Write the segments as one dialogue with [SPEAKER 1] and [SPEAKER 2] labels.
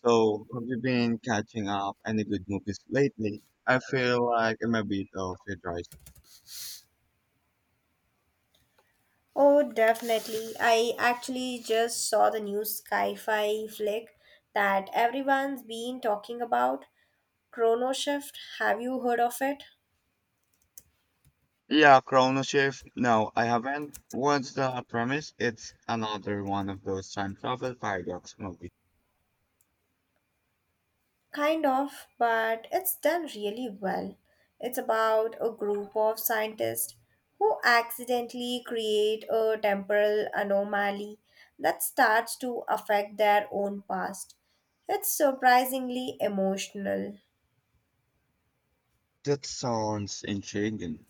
[SPEAKER 1] So, have you been catching up any good movies lately? I feel like I'm a bit of a dry.
[SPEAKER 2] Oh, definitely. I actually just saw the new sci fi flick that everyone's been talking about Chrono Shift. Have you heard of it?
[SPEAKER 1] Yeah, Chrono Shift. No, I haven't. What's the premise? It's another one of those time travel paradox movies.
[SPEAKER 2] Kind of, but it's done really well. It's about a group of scientists who accidentally create a temporal anomaly that starts to affect their own past. It's surprisingly emotional.
[SPEAKER 1] That sounds intriguing.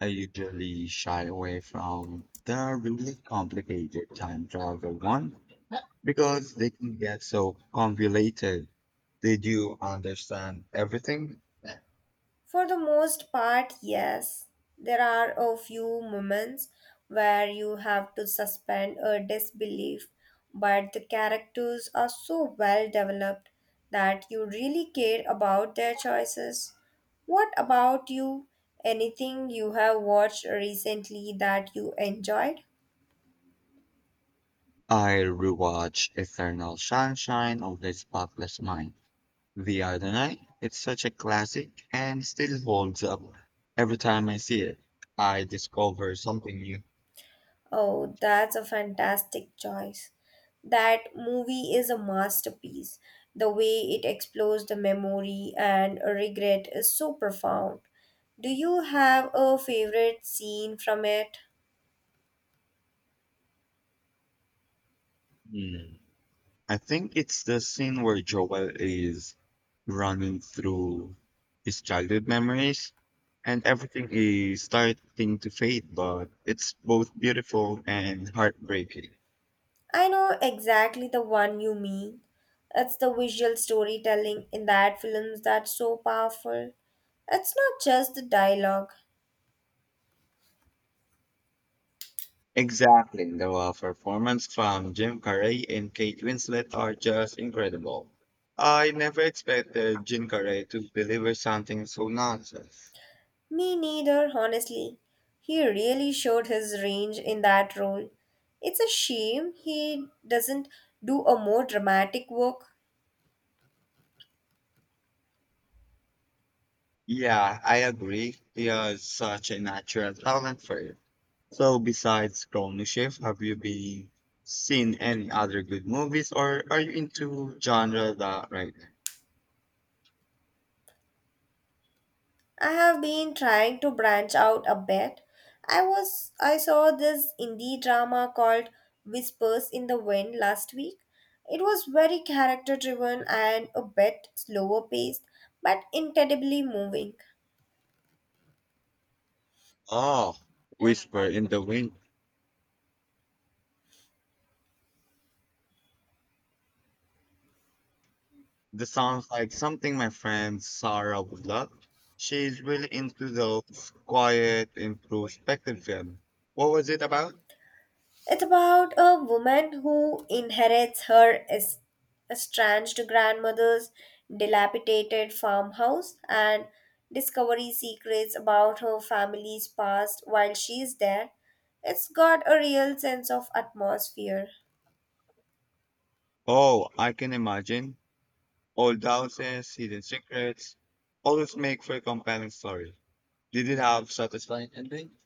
[SPEAKER 1] I usually shy away from the really complicated time travel one because they can get so convoluted. Did you understand everything?
[SPEAKER 2] For the most part, yes. There are a few moments where you have to suspend a disbelief, but the characters are so well developed that you really care about their choices. What about you? Anything you have watched recently that you enjoyed?
[SPEAKER 1] I rewatched Eternal Sunshine of the Spotless Mind the other night. It's such a classic and still holds up. Every time I see it, I discover something new.
[SPEAKER 2] Oh, that's a fantastic choice. That movie is a masterpiece. The way it explores the memory and regret is so profound. Do you have a favorite scene from it?
[SPEAKER 1] Hmm. I think it's the scene where Joel is running through his childhood memories and everything is starting to fade, but it's both beautiful and heartbreaking.
[SPEAKER 2] I know exactly the one you mean. It's the visual storytelling in that film that's so powerful. It's not just the dialogue.
[SPEAKER 1] Exactly. The performance from Jim Carrey and Kate Winslet are just incredible. I never expected Jim Carrey to deliver something so nonsense.
[SPEAKER 2] Me neither, honestly. He really showed his range in that role. It's a shame he doesn't do a more dramatic work.
[SPEAKER 1] Yeah, I agree. He has such a natural talent for it. So, besides Chrono Shift, have you been seen any other good movies, or are you into genre that right now?
[SPEAKER 2] I have been trying to branch out a bit. I saw this indie drama called Whispers in the Wind last week. It was very character driven and a bit slower paced, but incredibly moving.
[SPEAKER 1] Oh, Whisper in the Wind. This sounds like something my friend Sarah would love. She's really into those quiet, introspective films. What was it about?
[SPEAKER 2] It's about a woman who inherits her estranged grandmother's dilapidated farmhouse and discovers secrets about her family's past while she's there. It's got a real sense of atmosphere.
[SPEAKER 1] Oh, I can imagine. Old houses, hidden secrets, always make for a compelling story. Did it have satisfying ending?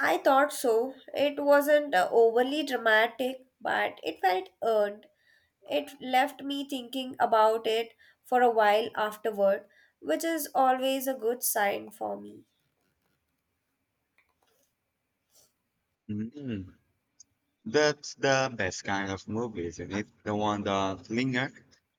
[SPEAKER 2] I thought so. It wasn't overly dramatic, but it felt earned. It left me thinking about it for a while afterward, which is always a good sign for me.
[SPEAKER 1] Mm. That's the best kind of movie, isn't it? The one that linger.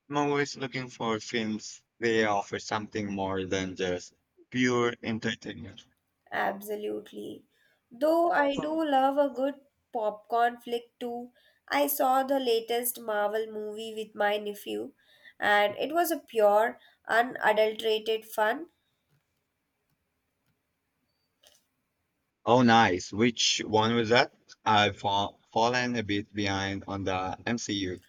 [SPEAKER 1] I'm always looking for films. They offer something more than just pure entertainment.
[SPEAKER 2] Absolutely. Though I do love a good popcorn flick too. I saw the latest Marvel movie with my nephew, and it was a pure, unadulterated fun.
[SPEAKER 1] Oh, nice. Which one was that? I've fallen a bit behind on the MCU.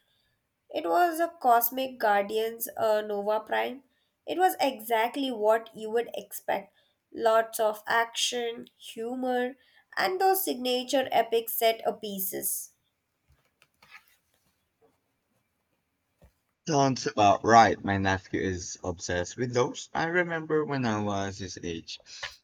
[SPEAKER 2] It was a Cosmic Guardians Nova Prime. It was exactly what you would expect. Lots of action, humor, and those signature epic set of pieces.
[SPEAKER 1] Sounds about right. My nephew is obsessed with those. I remember when I was his age.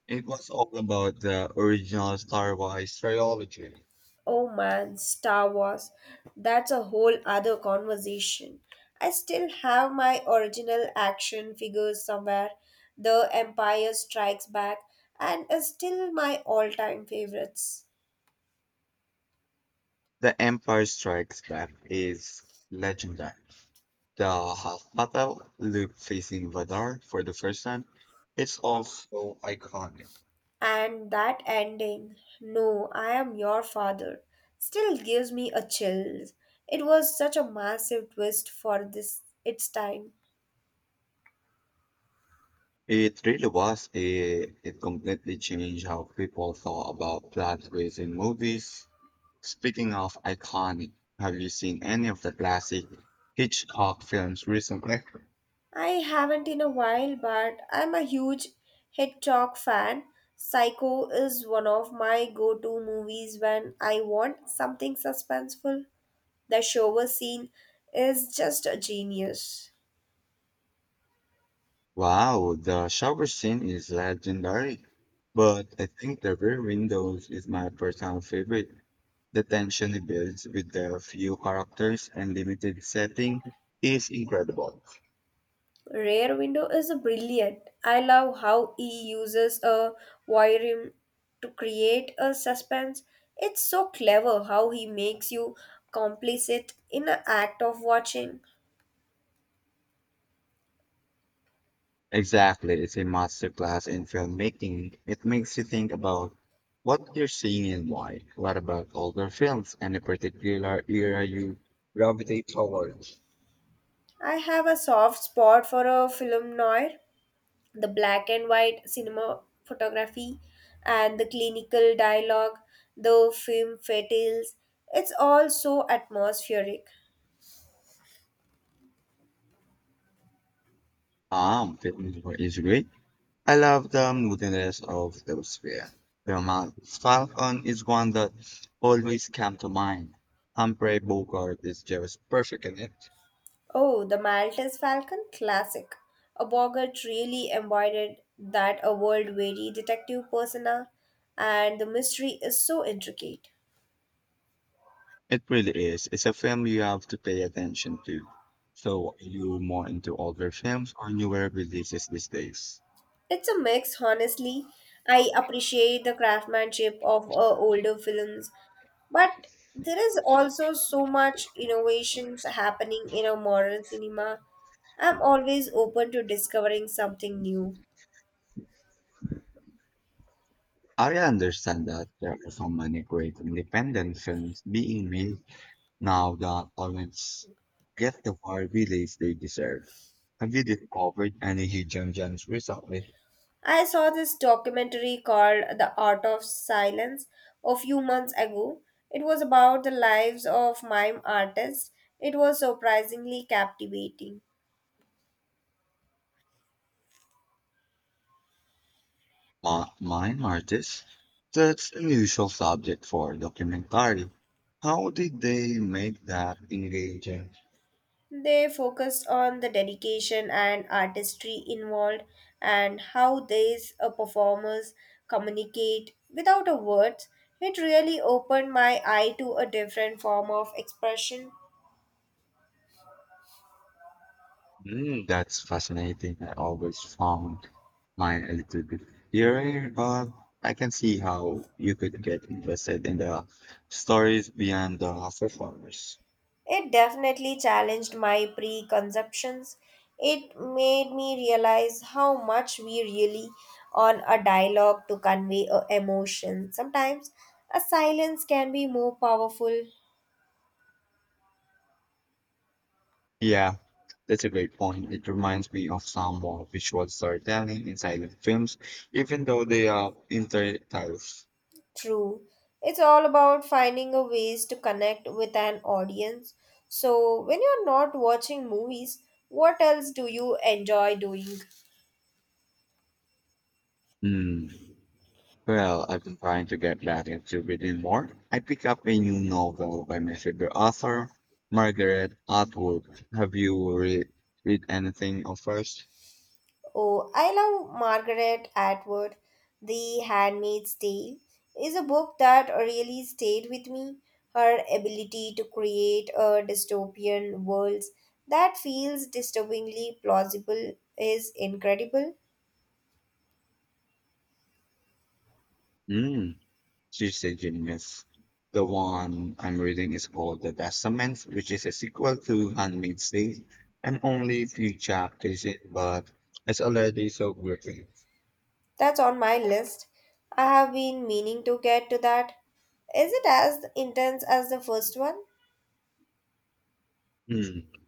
[SPEAKER 1] It was all about the original Star Wars trilogy.
[SPEAKER 2] Oh man, Star Wars. That's a whole other conversation. I still have my original action figures somewhere. The Empire Strikes Back and is still my all-time favorites.
[SPEAKER 1] The Empire Strikes Back is legendary. The half battle, Luke facing Vadar for the first time, it's also iconic.
[SPEAKER 2] And that ending, no, I am your father, still gives me a chill. It was such a massive twist for this its time.
[SPEAKER 1] It really was. It completely changed how people thought about plot twists in movies. Speaking of iconic, have you seen any of the classic Hitchcock films recently?
[SPEAKER 2] I haven't in a while, but I'm a huge Hitchcock fan. Psycho is one of my go to movies when I want something suspenseful. The shower scene is just a genius.
[SPEAKER 1] Wow, the shower scene is legendary. But I think the rear windows is my personal favorite. The tension it builds with the few characters and limited setting is incredible.
[SPEAKER 2] Rear Window is brilliant. I love how he uses a voyeurism to create a suspense. It's so clever how he makes you complicit in the act of watching.
[SPEAKER 1] Exactly. It's a masterclass in filmmaking. It makes you think about what you're seeing and why. What about older films? Any particular era you gravitate towards?
[SPEAKER 2] I have a soft spot for a film noir. The black and white cinema photography and the clinical dialogue, the film fatales. It's all so atmospheric.
[SPEAKER 1] Film is great. I love the moodiness of those films. Romance Falcon is one that always come to mind. Humphrey Bogart is just perfect in it.
[SPEAKER 2] Oh, the Maltese Falcon classic. A Bogart really embodied that a world weary detective persona, and the mystery is so intricate.
[SPEAKER 1] It really is. It's a film you have to pay attention to. So, are you more into older films or newer releases these days?
[SPEAKER 2] It's a mix, honestly. I appreciate the craftsmanship of older films, but there is also so much innovations happening in our modern cinema. I'm always open to discovering something new.
[SPEAKER 1] I understand that there are so many great independent films being made now that aren't get the wide release they deserve. Have you discovered any hidden gems recently?
[SPEAKER 2] I saw this documentary called The Art of Silence a few months ago. It was about the lives of mime artists. It was surprisingly captivating.
[SPEAKER 1] Mine artists? That's an unusual subject for a documentary. How did they make that engaging?
[SPEAKER 2] They focused on the dedication and artistry involved and how these performers communicate without a words. It really opened my eye to a different form of expression.
[SPEAKER 1] Mm, that's fascinating. I always found mine a little bit eerie, but I can see how you could get invested in the stories beyond the performers.
[SPEAKER 2] It definitely challenged my preconceptions. It made me realize how much we really on a dialogue to convey a emotion. Sometimes a silence can be more powerful.
[SPEAKER 1] Yeah, that's a great point. It reminds me of some more visual storytelling in silent films, even though they are intertitles.
[SPEAKER 2] True. It's all about finding a ways to connect with an audience. So, when you're not watching movies, what else do you enjoy doing?
[SPEAKER 1] Well, I've been trying to get back into reading more. I picked up a new novel by my favorite author, Margaret Atwood. Have you read anything of hers?
[SPEAKER 2] Oh, I love Margaret Atwood. The Handmaid's Tale is a book that really stayed with me. Her ability to create a dystopian world that feels disturbingly plausible is incredible.
[SPEAKER 1] Mm, she's a genius. The one I'm reading is called The Testament, which is a sequel to Handmaid's Tale. I'm only a few chapters in, but it's already so gripping.
[SPEAKER 2] That's on my list. I have been meaning to get to that. Is it as intense as the first one?
[SPEAKER 1] Hmm.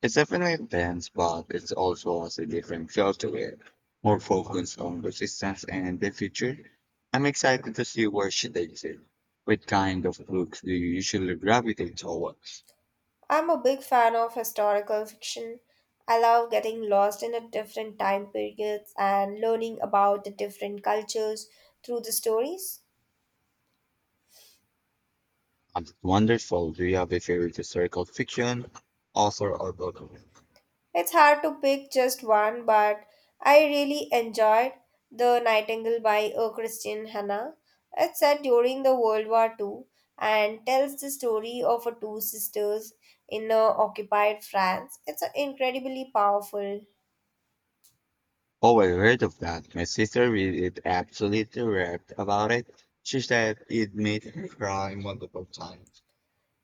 [SPEAKER 1] It's definitely intense, but it also has a different feel to it, more focus on resistance and the future. I'm excited to see where she takes it. What kind of books do you usually gravitate towards?
[SPEAKER 2] I'm a big fan of historical fiction. I love getting lost in a different time periods and learning about the different cultures through the stories.
[SPEAKER 1] Wonderful. Do you have a favorite historical fiction, author, or book?
[SPEAKER 2] It's hard to pick just one, but I really enjoyed The Nightingale by Christian Hanna. It's set during the World War II and tells the story of two sisters in occupied France. It's incredibly powerful.
[SPEAKER 1] Oh, I heard of that. My sister read it, absolutely raved about it. She said it made her cry multiple times.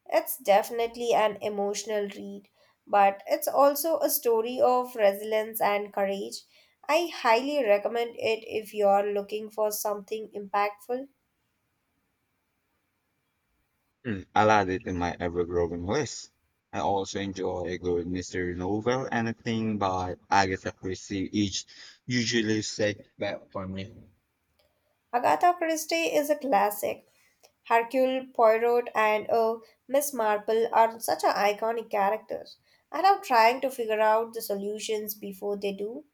[SPEAKER 2] It's definitely an emotional read, but it's also a story of resilience and courage. I highly recommend it if you're looking for something impactful.
[SPEAKER 1] Hmm, I'll add it in my ever-growing list. I also enjoy a good mystery novel. Anything by Agatha Christie each usually set back for me.
[SPEAKER 2] Agatha Christie is a classic. Hercule Poirot and Miss Marple are such an iconic characters. I love trying to figure out the solutions before they do.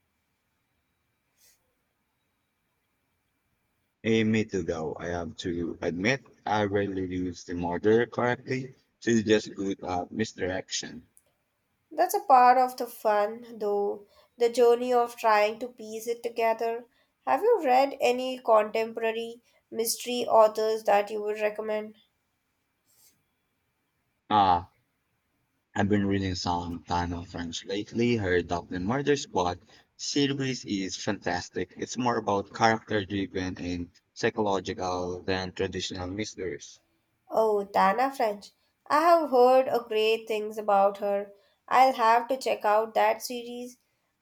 [SPEAKER 1] A me too, though. I have to admit, I rarely use the murder correctly, so it's just good at misdirection.
[SPEAKER 2] That's a part of the fun, though, the journey of trying to piece it together. Have you read any contemporary mystery authors that you would recommend?
[SPEAKER 1] Ah, I've been reading some Tano French lately. Her Dublin Murder Squad series is fantastic. It's more about character-driven and psychological than traditional mysteries.
[SPEAKER 2] Oh, Dana French. I have heard a great things about her. I'll have to check out that series.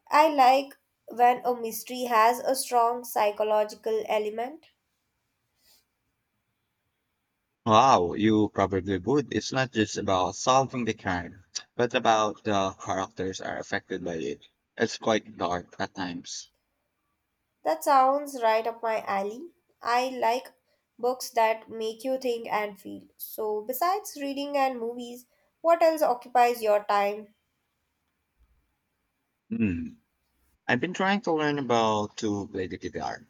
[SPEAKER 2] I like when a mystery has a strong psychological element.
[SPEAKER 1] Wow, you probably would. It's not just about solving the crime, but about the characters are affected by it. It's quite dark at times.
[SPEAKER 2] That sounds right up my alley. I like books that make you think and feel. So, besides reading and movies, what else occupies your time?
[SPEAKER 1] Hmm. I've been trying to learn about to play the guitar.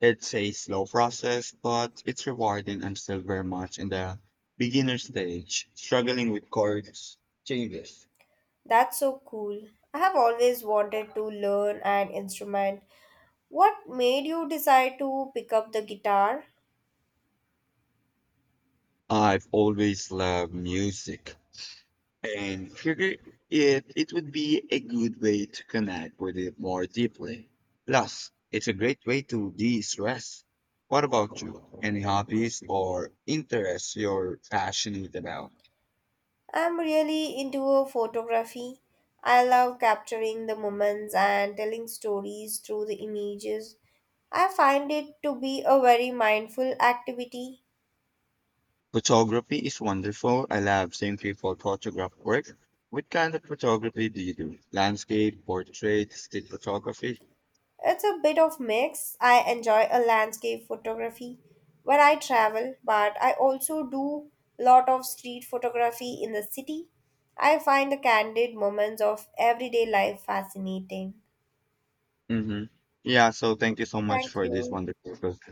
[SPEAKER 1] It's a slow process, but it's rewarding. I'm still very much in the beginner stage, struggling with chords changes.
[SPEAKER 2] That's so cool. I have always wanted to learn an instrument. What made you decide to pick up the guitar?
[SPEAKER 1] I've always loved music, and figure it would be a good way to connect with it more deeply. Plus, it's a great way to de-stress. What about you? Any hobbies or interests you're passionate about?
[SPEAKER 2] I'm really into photography. I love capturing the moments and telling stories through the images. I find it to be a very mindful activity.
[SPEAKER 1] Photography is wonderful. I love seeing people photograph work. What kind of photography do you do? Landscape, portrait, still photography?
[SPEAKER 2] It's a bit of mix. I enjoy a landscape photography when I travel, but I also do lot of street photography in the city. I find the candid moments of everyday life fascinating.
[SPEAKER 1] Mm-hmm. Yeah, so thank you so much
[SPEAKER 2] Thank
[SPEAKER 1] for this
[SPEAKER 2] you.
[SPEAKER 1] wonderful conversation.